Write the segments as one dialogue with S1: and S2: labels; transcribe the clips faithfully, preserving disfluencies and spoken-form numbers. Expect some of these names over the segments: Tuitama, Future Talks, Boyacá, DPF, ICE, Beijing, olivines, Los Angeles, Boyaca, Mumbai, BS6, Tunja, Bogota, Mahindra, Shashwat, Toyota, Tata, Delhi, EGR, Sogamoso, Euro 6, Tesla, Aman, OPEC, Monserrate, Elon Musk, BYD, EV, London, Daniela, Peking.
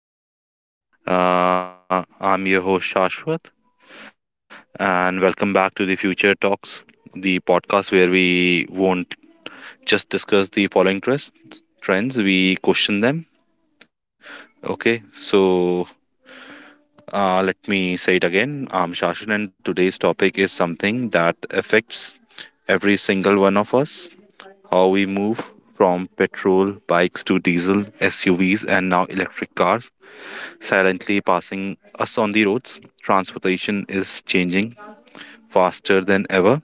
S1: to my vlog. Uh, I'm your host Shashwat, and welcome back to the Future Talks, the podcast where we won't just discuss the following trends, trends we question them. Okay, so uh, Let me say it again. I'm Shashwat, and today's topic is something that affects every single one of us. How we move from petrol bikes to diesel, S U Vs, and now electric cars silently passing us on the roads. Transportation is changing faster than ever,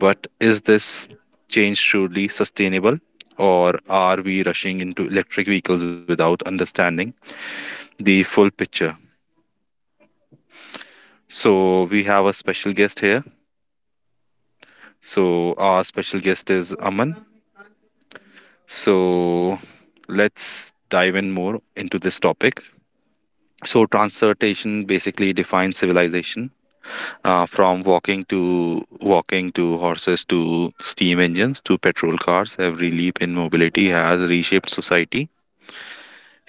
S1: but is this change truly sustainable? Or are we rushing into electric vehicles without understanding the full picture? So, we have a special guest here. So, our special guest is Aman. So, let's dive in more into this topic. So, transportation basically defines civilization. Uh, from walking to walking to horses to steam engines to petrol cars, every leap in mobility has reshaped society,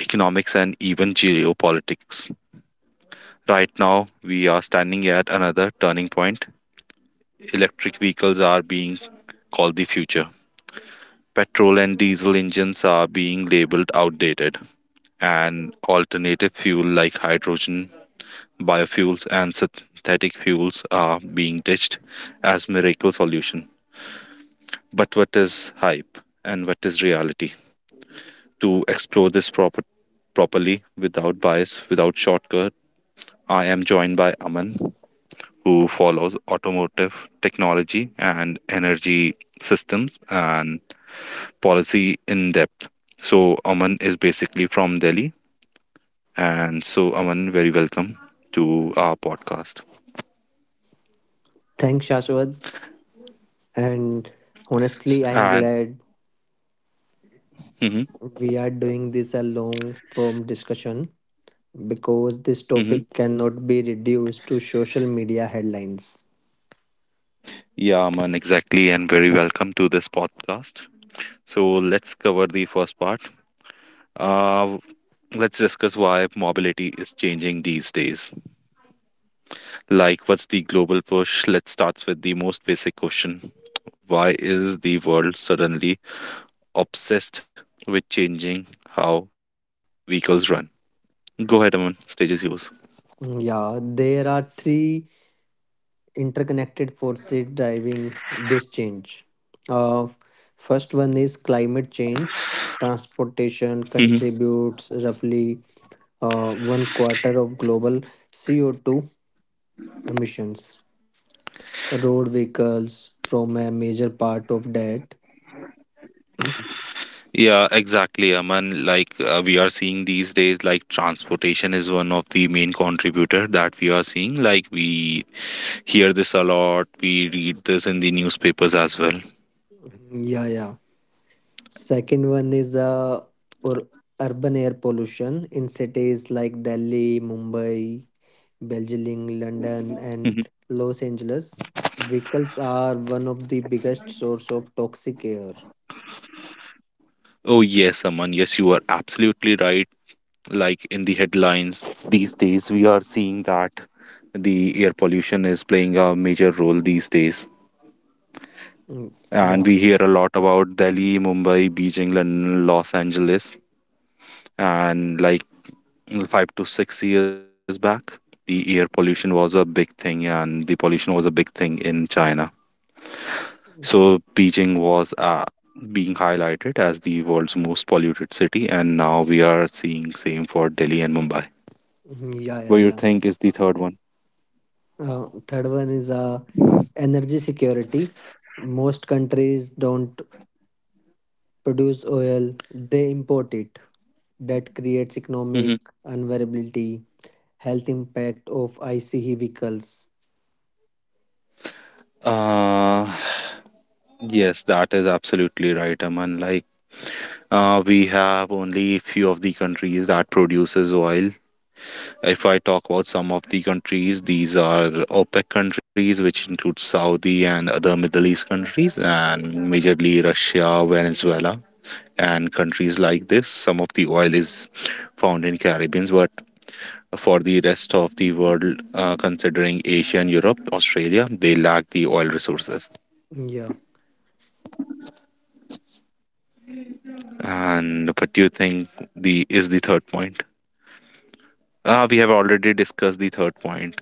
S1: economics, and even geopolitics. Right now we are standing at another turning point. Electric vehicles are being called the future, petrol and diesel engines are being labeled outdated, and alternative fuel like hydrogen, biofuels, and synthetic fuels are being ditched as miracle solutions. But what is hype and what is reality? To explore this proper, properly, without bias, without shortcut, I am joined by Aman, who follows automotive technology and energy systems and policy in depth. So Aman is basically from Delhi, and so Aman, very welcome to our podcast.
S2: Thanks, Shashwat. And
S1: S-
S2: honestly, I'm
S1: and
S2: glad
S1: mhm,
S2: we are doing this a long form discussion because this
S1: mhm.
S2: topic cannot be reduced to social media headlines.
S1: Yeah, Aman, exactly, and very welcome to this podcast. So let's cover the first part. Uh, let's discuss why mobility is changing these days. Like, what's the global push? Let's start with the most basic question. Why is the world suddenly obsessed with changing how vehicles run? Go ahead, Aman. Stage is yours.
S2: Yeah, there are three interconnected forces driving this change. Uh, First one is climate change. Transportation
S1: Mhm.
S2: contributes roughly uh, one quarter of global C O two emissions. Road vehicles from a major part of that.
S1: Yeah, exactly. I mean, like uh, we are seeing these days, like transportation is one of the main contributor that we are seeing. Like we hear this a lot. We read this in the newspapers as well.
S2: yeah, yeah. Second one is uh, or urban air pollution in cities like Delhi, Mumbai, Beijing, London, and Los Angeles. Vehicles are one of the biggest source of toxic air.
S1: Oh, yes, Aman. Yes, you are absolutely right. Like in the headlines these days, we are seeing that the air pollution is playing a major role these days.
S2: Mm,
S1: And we
S2: yeah.
S1: hear a lot about Delhi, Mumbai, Beijing, and Los Angeles. And like five to six years back, the air pollution was a big thing, and the pollution was a big thing in China.
S2: Mhm.
S1: So, Beijing was uh, being highlighted as the world's most polluted city, and now we are seeing same for Delhi and Mumbai.
S2: Yeah,
S1: What
S2: yeah,
S1: you
S2: yeah.
S1: think is the third one?
S2: Uh, third one is uh, energy security. Most countries don't produce oil; they import it. That creates
S1: Hmm.
S2: economic unvariability, health impact of I C E vehicles.
S1: Uh, yes, that is absolutely right, Aman. Like, uh, we have only few of the countries that produces oil. If I talk about some of the countries, these are OPEC countries, which include Saudi and other Middle East countries, and majorly Russia, Venezuela, and countries like this. Some of the oil is found in Caribbeans, but for the rest of the world, uh, considering Asia and Europe, Australia, they lack the oil resources.
S2: Yeah,
S1: And what do you think the is the third point? Uh, we have already discussed the third point.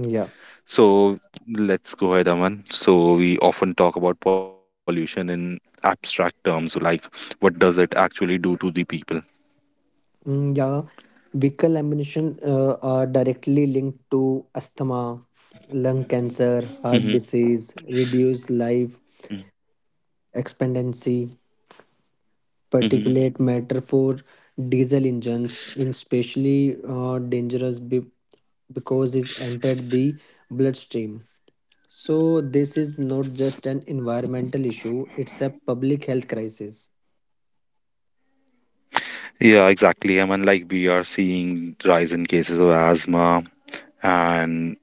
S2: yeah.
S1: So let's go ahead, Aman. So we often talk about pollution in abstract terms, like what does it actually do to the people?
S2: Mm, yeah. Vehicle emission uh, are directly linked to asthma, lung cancer,
S1: Hmm.
S2: heart disease, reduced life expectancy,
S1: Hmm.
S2: particulate matter for diesel engines, in especially uh, dangerous be- because it's entered the bloodstream. So this is not just an environmental issue, it's a public health crisis.
S1: Yeah, exactly. I mean, like we are seeing rise in cases of asthma and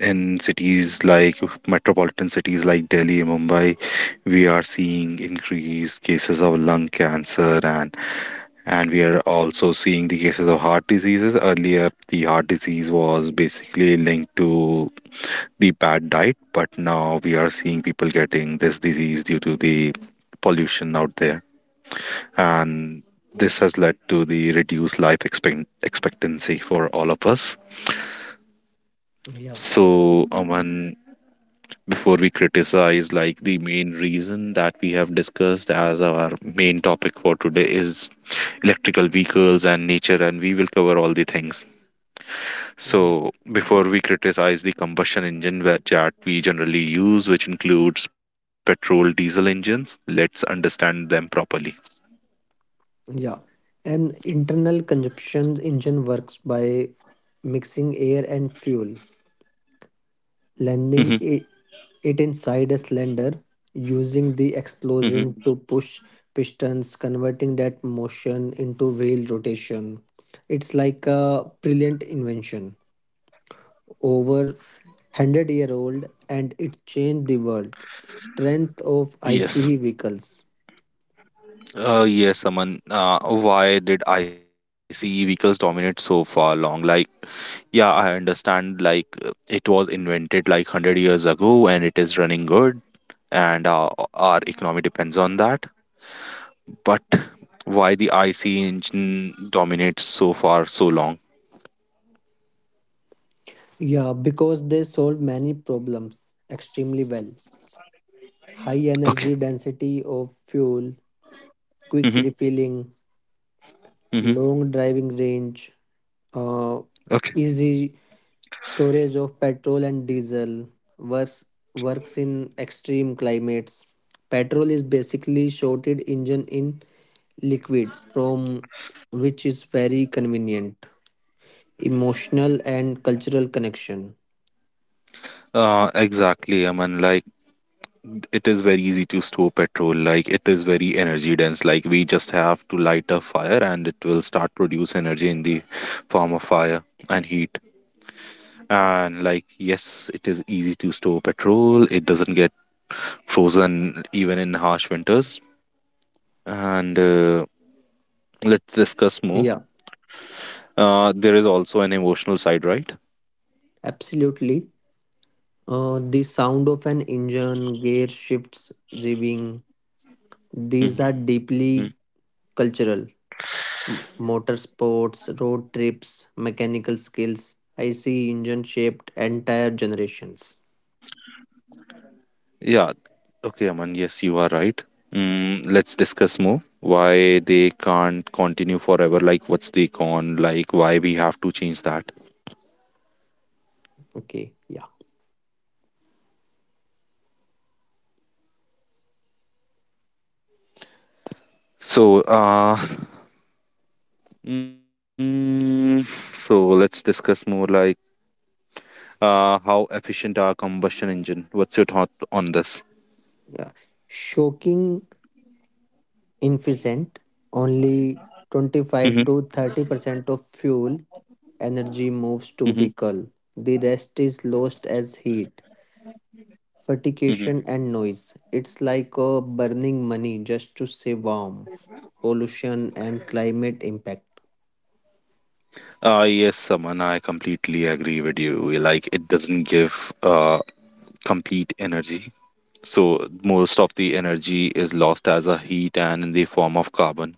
S1: in cities like metropolitan cities like Delhi, Mumbai, we are seeing increased cases of lung cancer, and and we are also seeing the cases of heart diseases. Earlier the heart disease was basically linked to the bad diet, but now we are seeing people getting this disease due to the pollution out there. And this has led to the reduced life expect- expectancy for all of us.
S2: Yeah.
S1: So Aman, before we criticize, like the main reason that we have discussed as our main topic for today is electrical vehicles and nature, and we will cover all the things.
S2: Yeah.
S1: So, before we criticize the combustion engine wha- that we generally use, which includes petrol diesel engines, let's understand them properly.
S2: Yeah. An internal combustion engine works by mixing air and fuel,
S1: Mhm,
S2: landing i- it inside a cylinder, using the
S1: mhm.
S2: explosion to push pistons, converting that motion into wheel rotation. It's like a brilliant invention. Over one hundred year old and it changed the world. Strength of
S1: Yes.
S2: I C E vehicles.
S1: Uh, yes, Aman. Uh, why did I C E vehicles dominate so far long? Like, yeah, I understand, like, uh, it was invented like one hundred years ago and it is running good, and uh, our economy depends on that. But why the I C E engine dominates so far so long?
S2: Yeah, because they solve many problems extremely well. High
S1: Okay.
S2: energy density of fuel, quick refilling,
S1: Hmm.
S2: long driving range, uh,
S1: Okay.
S2: easy storage of petrol and diesel works, works in extreme climates. Petrol is basically shorted engine in liquid from which is very convenient. Emotional and cultural connection.
S1: Uh, exactly. I mean, like it is very easy to store petrol. Like it is very energy dense. Like we just have to light a fire, and it will start produce energy in the form of fire and heat. And like yes, it is easy to store petrol. It doesn't get frozen even in harsh winters. And uh, let's discuss more.
S2: Yeah,
S1: Uh, there is also an emotional side, right?
S2: absolutely. Uh, the sound of an engine, gear shifts, revving, these are deeply cultural. M- motorsports, road trips, mechanical skills. I see engine shaped entire generations.
S1: Yeah. Okay, Aman. Yes, you are right. Mm, let's discuss more why they can't continue forever. Like, what's the con? Like, why we have to change that?
S2: Okay, yeah,
S1: So, uh, mm, so let's discuss more. Like, uh, how efficient are combustion engine? What's your thought on this?
S2: yeah. Shocking inefficient. Only twenty-five
S1: Mm-hmm.
S2: to thirty percent of fuel energy moves to
S1: Mm-hmm.
S2: vehicle. The rest is lost as heat,
S1: Mm-hmm.
S2: fatigation, and noise. It's like uh, burning money just to stay warm. Pollution and climate impact.
S1: Uh, yes, Saman, I completely agree with you. Like, it doesn't give uh, complete energy. So most of the energy is lost as a heat and in the form of carbon.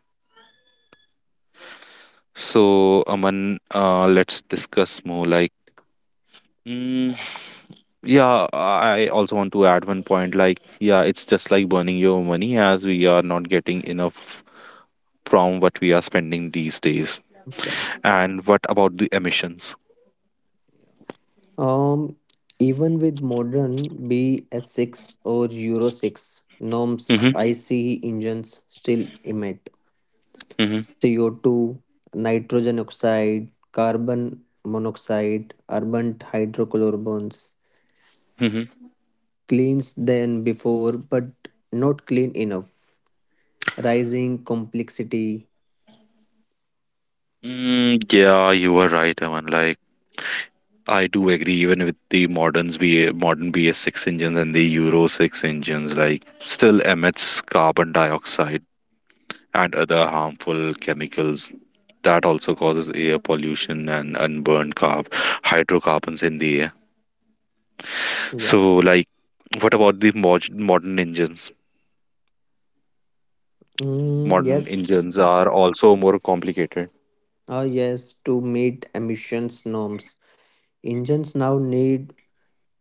S1: So Aman, uh, let's discuss more like. mm, yeah, I also want to add one point like yeah, it's just like burning your money as we are not getting enough from what we are spending these days.
S2: Yeah.
S1: And what about the emissions?
S2: Um, Even with modern B S six or Euro six norms,
S1: Mm-hmm,
S2: I C E engines still emit
S1: mm-hmm,
S2: C O two, nitrogen oxide, carbon monoxide, urban hydrocarbons.
S1: mm-hmm.
S2: Cleans than before, but not clean enough. Rising complexity.
S1: Mm, yeah, you were right, Aman. Like I do agree. Even with the moderns, B modern B S six engines and the Euro six engines, like still emits carbon dioxide and other harmful chemicals that also causes air pollution and unburned carb hydrocarbons in the air.
S2: Yeah.
S1: So, like, what about the mod- modern engines?
S2: Mm,
S1: Modern
S2: yes.
S1: engines are also more complicated.
S2: Ah, yes. To meet emissions norms, engines now need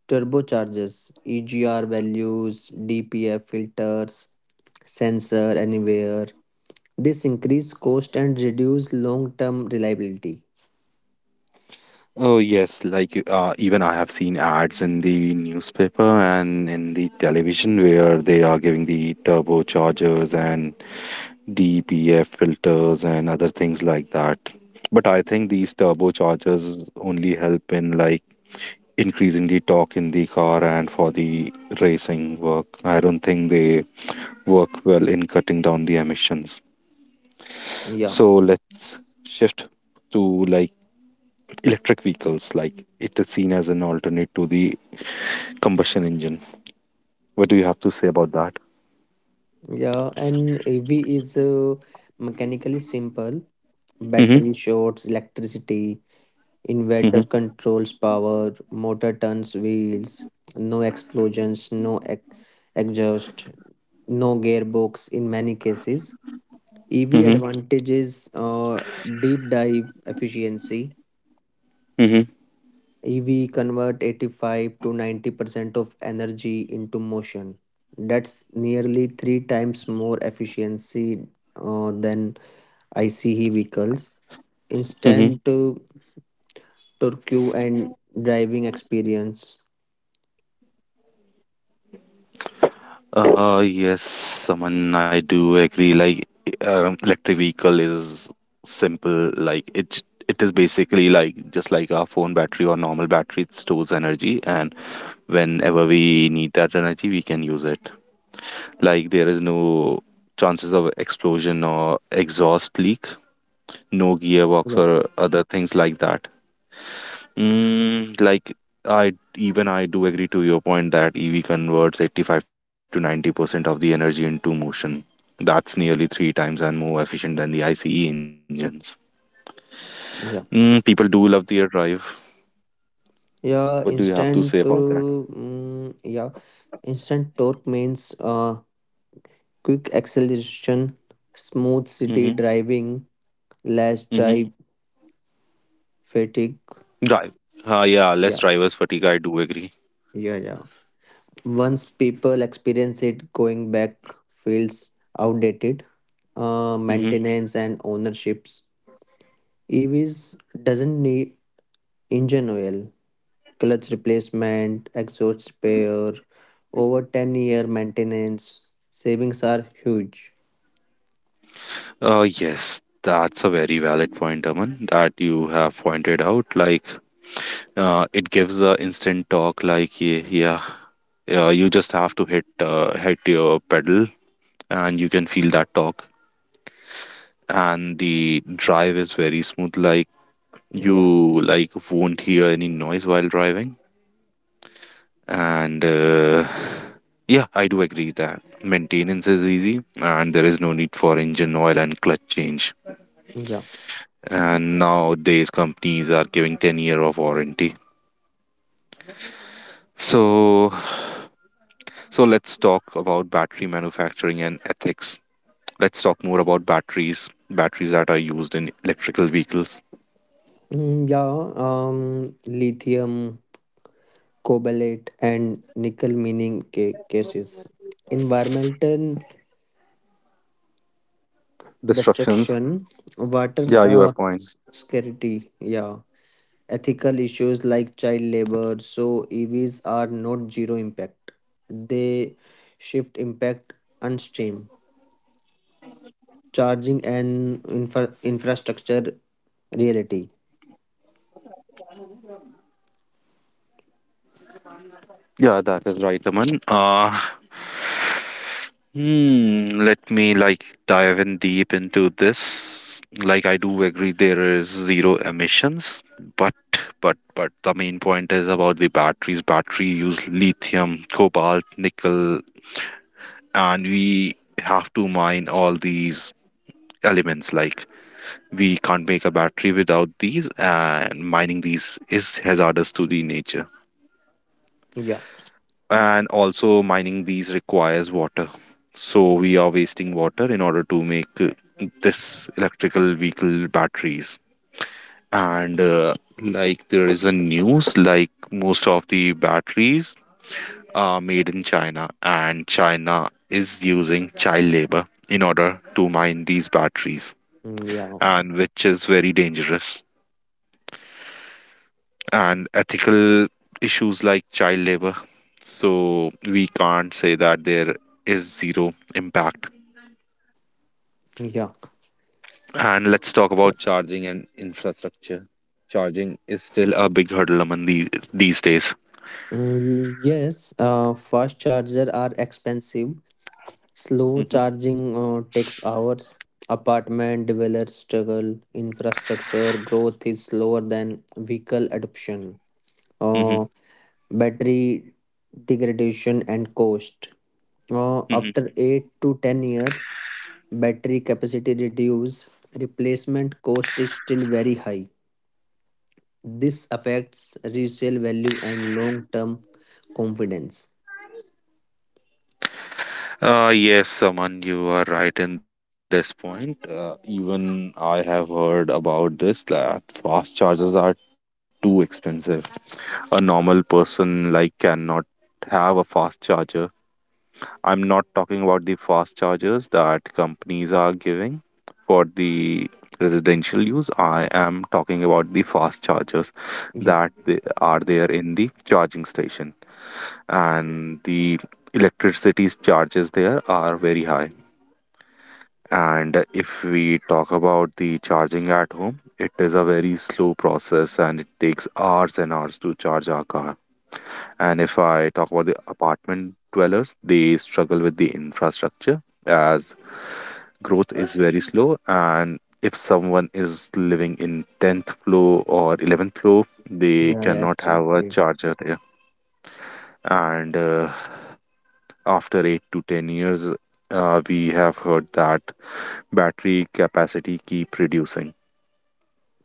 S2: turbochargers, E G R values, D P F filters, sensor anywhere. This increase cost and reduce long-term reliability.
S1: Oh yes, like uh, even I have seen ads in the newspaper and in the television where they are giving the turbochargers and D P F filters and other things like that. But I think these turbochargers only help in like increasing the torque in the car and for the racing work. I don't think they work well in cutting down the emissions.
S2: Yeah,
S1: So let's shift to like electric vehicles, like it is seen as an alternate to the combustion engine. What do you have to say about that?
S2: yeah, and A V is uh, mechanically simple. Battery
S1: Mm-hmm,
S2: shorts electricity,
S1: mm-hmm,
S2: inverter controls power, motor turns wheels, no explosions, no ex- exhaust, no gearbox in many cases. E V
S1: mm-hmm,
S2: advantages uh, deep dive efficiency.
S1: mm-hmm,
S2: E V convert eighty-five to ninety percent of energy into motion. That's nearly three times more efficiency uh, than I C E vehicles. Instant uh,
S1: mm-hmm.
S2: torque and driving experience.
S1: Uh, yes, Saman, I do agree. Like, um, electric vehicle is simple. Like, it j- it is basically like just like our phone battery or normal battery. It stores energy, and whenever we need that energy, we can use it. Like, there is no chances of explosion or exhaust leak. No
S2: Yeah,
S1: gearbox or other things like that. Mm, like I even I do agree to your point that E V converts eighty-five to ninety percent of the energy into motion. That's nearly three times and more efficient than the I C E engines. Mm,
S2: yeah,
S1: people do love their drive. What do you
S2: yeah.
S1: have to say about
S2: Instant, uh,
S1: that?
S2: mm, yeah. Instant torque means uh, quick acceleration, smooth
S1: Mm-hmm.
S2: city driving, less
S1: Mm-hmm.
S2: drive fatigue.
S1: Drive. Uh, yeah, less
S2: Yeah,
S1: drivers fatigue. I do agree.
S2: yeah, yeah. Once people experience it, going back feels outdated. Uh,
S1: Mm-hmm.
S2: maintenance and ownerships. E Vs doesn't need engine oil, clutch replacement, exhaust repair, over ten year maintenance. Savings are huge.
S1: Uh, yes, that's a very valid point, Aman, that you have pointed out. Like uh, it gives a instant torque like yeah, yeah, uh, you just have to hit uh, hit your pedal and you can feel that torque, and the drive is very smooth, like
S2: Yeah,
S1: you like won't hear any noise while driving. And uh, yeah, I do agree that maintenance is easy and there is no need for engine oil and clutch change.
S2: yeah.
S1: And nowadays companies are giving ten year of warranty, so. So let's talk about battery manufacturing and ethics. Let's talk more about batteries, batteries that are used in electrical vehicles.
S2: Mm, yeah, um, Lithium, cobalt, and nickel mining ca- cases. Environmental
S1: Destructions.
S2: destruction, water uh,
S1: Yeah, your
S2: s-
S1: point.
S2: scarcity, yeah, ethical issues like child labor. So E Vs are not zero impact; they shift impact upstream, charging and infra- infrastructure reality.
S1: Yeah, that is right, Aman. Uh, hmm, let me like dive in deep into this. Like I do agree there is zero emissions, but but but the main point is about the batteries. Battery use lithium, cobalt, nickel, and we have to mine all these elements like. We can't make a battery without these, and mining these is hazardous to the nature.
S2: Yeah,
S1: And also, mining these requires water. So, we are wasting water in order to make uh, this electrical vehicle batteries. And uh, like there is a news, like most of the batteries are made in China, and China is using child labor in order to mine these batteries,
S2: mm, yeah,
S1: and which is very dangerous. And ethical issues like child labor. So we can't say that there is zero impact.
S2: yeah.
S1: And let's talk about charging and infrastructure. Charging is still a big hurdle among these these days.
S2: Mm, yes, uh, Fast charger are expensive. Slow
S1: Mhm,
S2: charging uh, takes hours. Apartment dwellers struggle. Infrastructure growth is slower than vehicle adoption.
S1: mhm,
S2: Uh, Battery degradation and cost. Uh,
S1: mhm.
S2: after eight to ten years, battery capacity reduces. Replacement cost is still very high. This affects resale value and long term confidence.
S1: Uh, yes, Saman, you are right in this point. Uh, even I have heard about this that fast chargers are too expensive. A normal person like cannot have a fast charger. I'm not talking about the fast chargers that companies are giving for the residential use. I am talking about the fast chargers
S2: Yeah,
S1: that they are there in the charging station and the electricity's charges there are very high. And if we talk about the charging at home, it is a very slow process and it takes hours and hours to charge our car. And if I talk about the apartment dwellers, they struggle with the infrastructure as growth is very slow. And if someone is living in tenth floor or eleventh floor, they
S2: yeah, yeah,
S1: cannot have a
S2: absolutely.
S1: charger there. And uh, after eight to ten years, uh, we have heard that battery capacity keep reducing,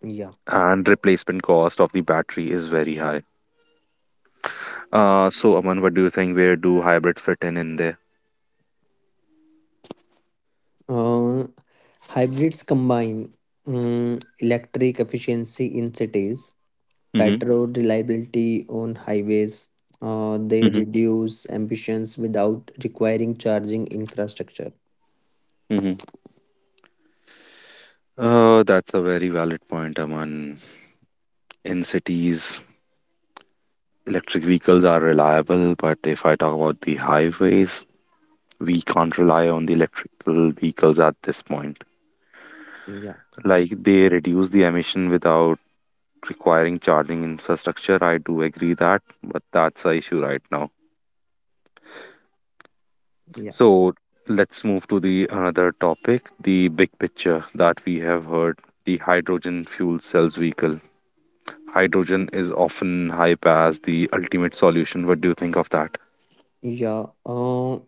S2: Yeah.
S1: and replacement cost of the battery is very high. Uh, so, Aman, what do you think? Where do hybrid fit in in there?
S2: Uh, Hybrids combine mm, electric efficiency in cities,
S1: Mm-hmm.
S2: petrol reliability on highways. Uh, they reduce emissions without requiring charging infrastructure.
S1: hmm Uh, that's a very valid point, Aman. In cities, electric vehicles are reliable, but if I talk about the highways, we can't rely on the electrical vehicles at this point.
S2: Yeah,
S1: Like, they reduce the emission without requiring charging infrastructure. I do agree that, but that's a issue right now.
S2: yeah,
S1: So let's move to the another topic, the big picture that we have heard, the hydrogen fuel cells vehicle. Hydrogen is often hyped as the ultimate solution. What do you think of that?
S2: yeah. Uh,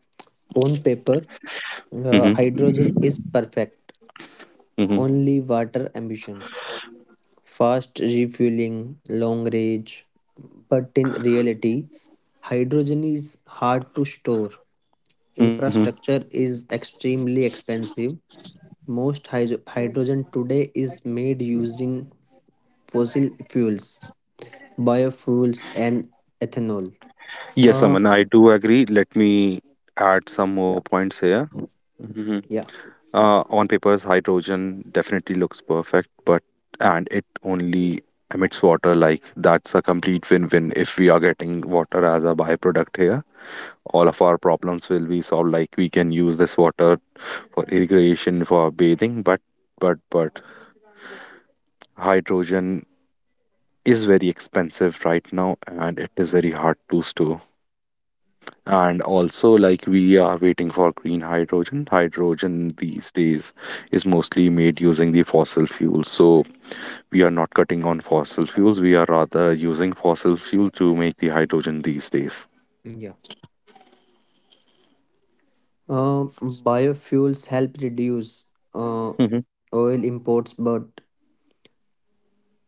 S2: on paper, uh,
S1: Mm-hmm.
S2: hydrogen is perfect.
S1: Mm-hmm.
S2: Only water emissions, fast refueling, long range. But in reality, hydrogen is hard to store.
S1: Mm-hmm.
S2: Infrastructure is extremely expensive. Most hy- hydrogen today is made using fossil fuels, biofuels, and ethanol.
S1: Yes,
S2: Uh,
S1: Aman, I do agree. Let me add some more
S2: yeah,
S1: points here. hmm
S2: yeah,
S1: Uh, on papers, hydrogen definitely looks perfect, but and it only emits water. Like, that's a complete win-win if we are getting water as a byproduct here. All of our problems will be solved. Like, we can use this water for irrigation, for bathing, but but but hydrogen is very expensive right now and it is very hard to store. And also, like, we are waiting for green hydrogen. Hydrogen these days is mostly made using the fossil fuels, so we are not cutting on fossil fuels, we are rather using fossil fuel to make the hydrogen these days.
S2: yeah. Uh, Biofuels help reduce uh,
S1: hmm
S2: oil imports but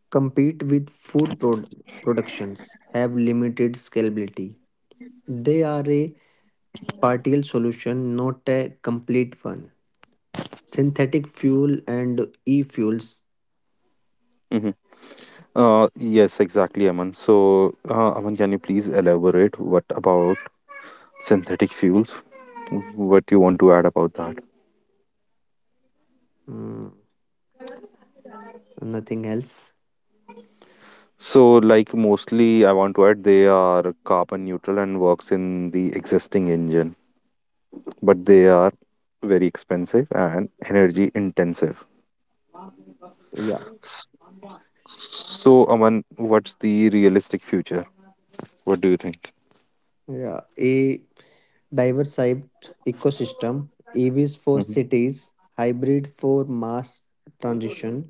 S2: compete with food prod- productions, have limited scalability. They are a partial solution, not a complete one. Synthetic fuel and e fuels.
S1: hmm uh, yes, exactly, Aman. So uh, Aman, can you please elaborate, what about synthetic fuels, what you want to add about that?
S2: Mm, Nothing else.
S1: So, like, mostly I want to add they are carbon neutral and works in the existing engine, but they are very expensive and energy intensive.
S2: Yeah,
S1: S- So, Aman, what's the realistic future? What do you think?
S2: yeah. A diversified ecosystem. E Vs for
S1: hmm
S2: cities, hybrid for mass transition,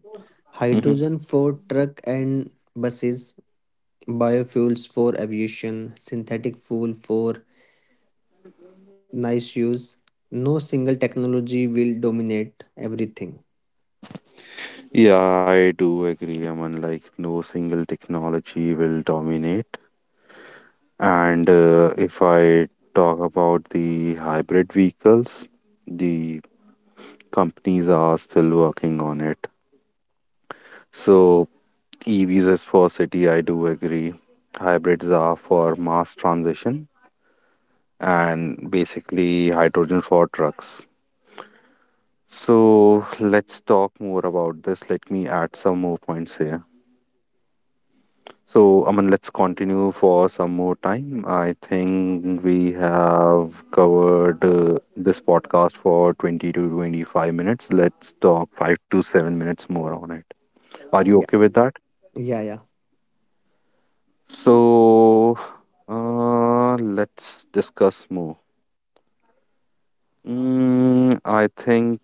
S1: hmm
S2: hydrogen for truck and buses, biofuels for aviation, synthetic fuel for nice use. No single technology will dominate everything.
S1: Yeah, I do agree, Aman. Like, no single technology will dominate. And uh, if I talk about the hybrid vehicles, the companies are still working on it. So E Vs is for city, I do agree. Hybrids are for mass transition and basically hydrogen for trucks. So let's talk more about this. Let me add some more points here. So, I mean, let's continue for some more time. I think we have covered uh, this podcast for twenty to twenty-five minutes. Let's talk five to seven minutes more on it. Are you
S2: Yeah,
S1: okay with that?
S2: yeah, yeah,
S1: So, uh, let's discuss more. Mm, I think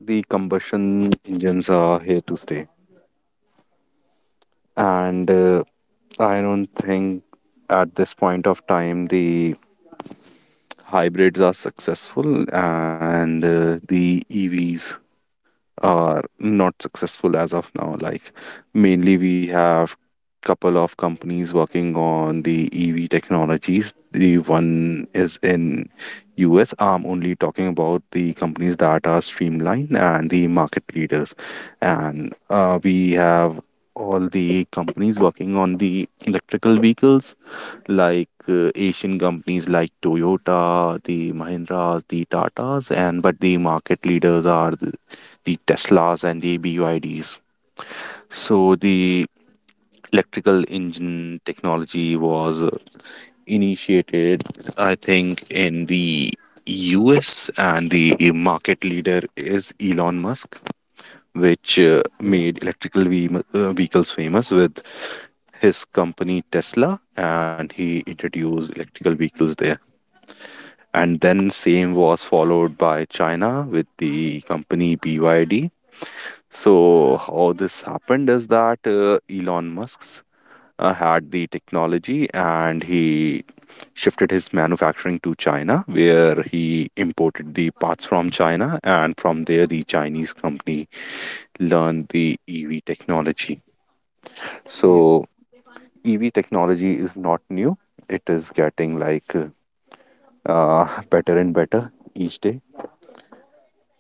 S1: the combustion engines are here to stay, and uh, I don't think at this point of time the hybrids are successful, and uh, the E Vs are not successful as of now. Like, mainly we have couple of companies working on the ev technologies. The one is in us. I'm only talking about the companies that are streamlined and the market leaders, and uh, we have all the companies working on the electrical vehicles, like uh, Asian companies like Toyota, the Mahindras, the Tatas, and but the market leaders are the, the Teslas and the B Y Ds. So the electrical engine technology was uh, initiated, I think, in the U S, and the market leader is Elon Musk, which uh,
S2: yeah,
S1: made electrical ve- uh, vehicles famous with his company Tesla, and he introduced electrical vehicles there. And then same was followed by China with the company B Y D. So how this happened is that uh, Elon Musk's uh, had the technology and he shifted his manufacturing to China where he imported the parts from China, and from there the Chinese company learned the E V technology.
S2: yeah,
S1: So E V technology is not new. It is getting like uh, better and better each day,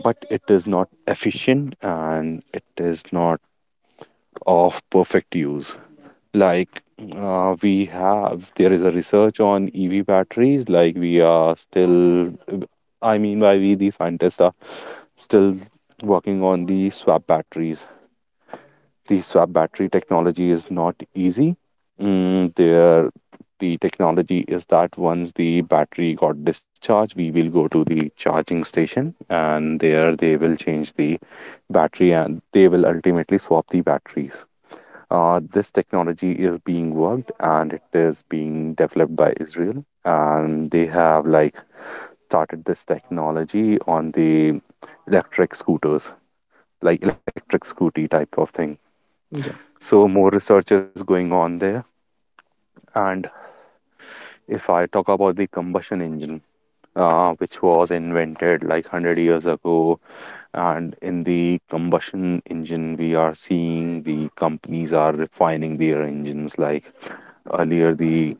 S1: but it is not efficient and it is not of perfect use. Like, uh, we have there is a research on ev batteries. Like, we are still, I mean by we the scientists are still working on the swap batteries. The swap battery technology is not easy. Mm, there the technology is that once the battery got discharged, we will go to the charging station and there they will change the battery and they will ultimately swap the batteries. Uh, this technology is being worked and it is being developed by Israel, and they have like started this technology on the electric scooters, like electric scooty type of thing.
S2: yeah,
S1: So more research is going on there. And if I talk about the combustion engine, uh, which was invented like one hundred years ago. And in the combustion engine, we are seeing the companies are refining their engines. Like, earlier, the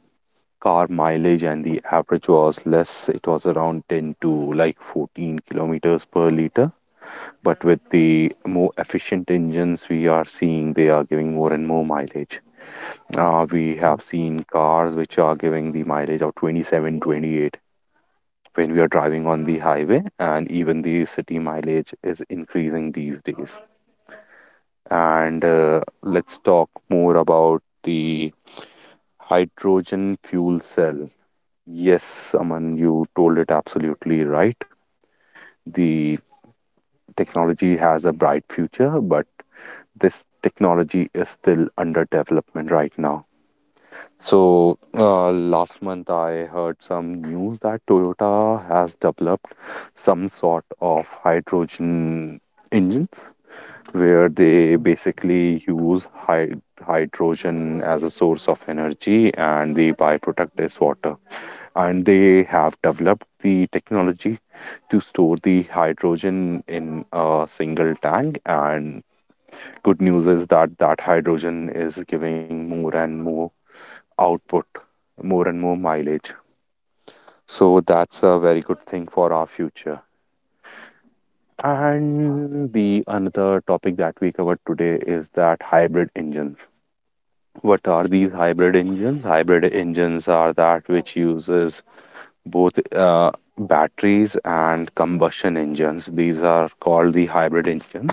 S1: car mileage and the average was less, it was around ten to like fourteen kilometers per liter. But with the more efficient engines, we are seeing they are giving more and more mileage. Uh, we
S2: yeah,
S1: have seen cars which are giving the mileage of twenty seven, twenty eight when we are driving on the highway, and even the city mileage is increasing these days. and uh, let's talk more about the hydrogen fuel cell. Yes, Aman, you told it absolutely right. The technology has a bright future, but this technology is still under development right now. So, uh, last month I heard some news that Toyota has developed some sort of hydrogen engines where they basically use hy- hydrogen as a source of energy and the byproduct is water, and they have developed the technology to store the hydrogen in a single tank. And good news is that that hydrogen is giving more and more output, more and more mileage. So that's a very good thing for our future. And the another topic that we covered today is that hybrid engines. What are these hybrid engines? Hybrid engines are that which uses both uh, batteries and combustion engines. These are called the hybrid engines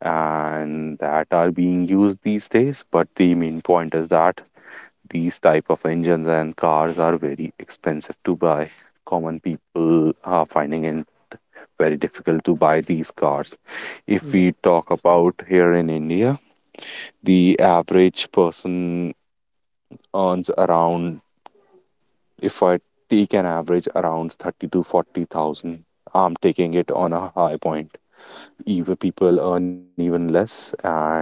S1: and that are being used these days. But the main point is that these type of engines and cars are very expensive to buy. Common people are finding it very difficult to buy these cars. If
S2: yeah,
S1: we talk about here in India, the average person earns around, if I take an average, around thirty to forty thousand. I'm taking it on a high point. Even people earn even less, and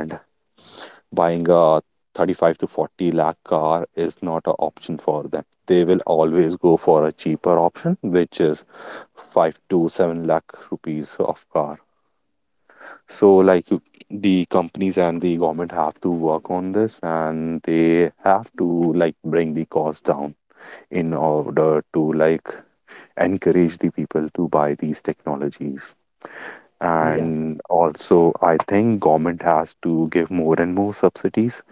S1: buying a thirty-five to forty lakh car is not an option for them. They will always go for a cheaper option, which is five to seven lakh rupees of car. So, like, the companies and the government have to work on this, and they have to like bring the cost down in order to like encourage the people to buy these technologies.
S2: yeah,
S1: And also, I think government has to give more and more subsidies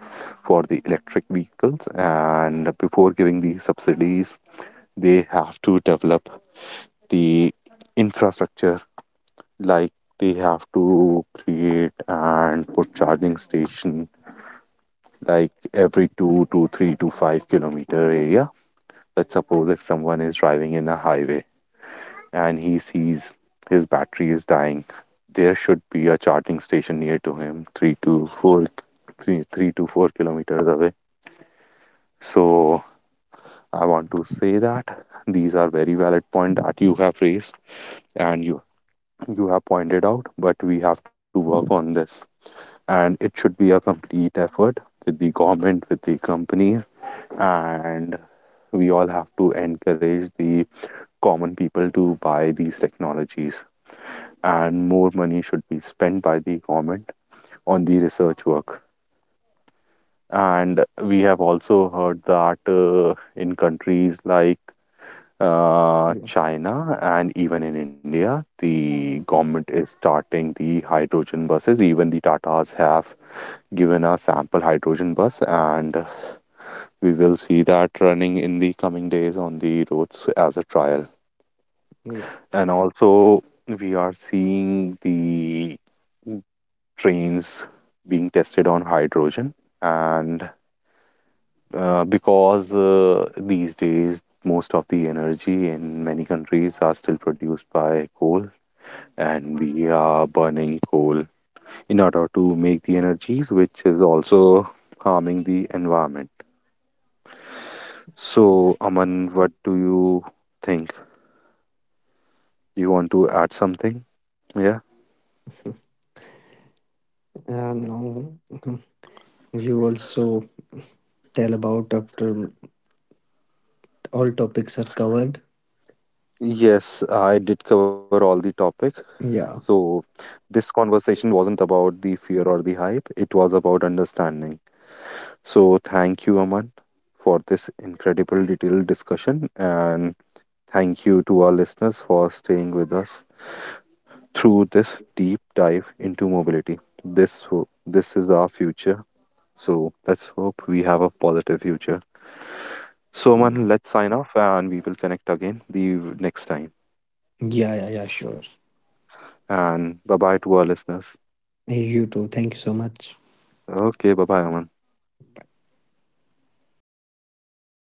S1: for the electric vehicles. And before giving the subsidies, they have to develop the infrastructure, like they have to create and put charging station like every two to three to five kilometer area. Let's suppose if someone is driving in a highway and he sees his battery is dying, there should be a charging station near to him, three to four, three, three to four kilometers away. So I want to say that these are very valid points that you have raised and you you have pointed out, but we have to work on this, and it should be a complete effort with the government, with the companies, and we all have to encourage the common people to buy these technologies, and more money should be spent by the government on the research work. And we have also heard that uh, in countries like uh,
S2: yeah,
S1: China and even in India, the government is starting the hydrogen buses. Even the Tatas have given a sample hydrogen bus, and we will see that running in the coming days on the roads as a trial.
S2: yeah.
S1: And also, we are seeing the trains being tested on hydrogen, and uh, because uh, these days most of the energy in many countries are still produced by coal, and we are burning coal in order to make the energies, which is also harming the environment.
S2: yeah.
S1: So, Aman, what do you think, you want to add something? Yeah
S2: Uh, no. You also tell about after all topics are covered.
S1: Yes, I did cover all the topic. So
S2: Yeah.
S1: this conversation wasn't about the fear or the hype, it was about understanding. So, thank you, Aman, for this incredible detailed discussion, and thank you to our listeners for staying with us through this deep dive into mobility. This, ho- this is our future, so let's hope we have a positive future. So, Aman, let's sign off and we will connect again the next time.
S2: Yeah, yeah, yeah, sure.
S1: And bye bye to our listeners.
S2: You too. Thank you so much.
S1: Okay, bye bye, Aman.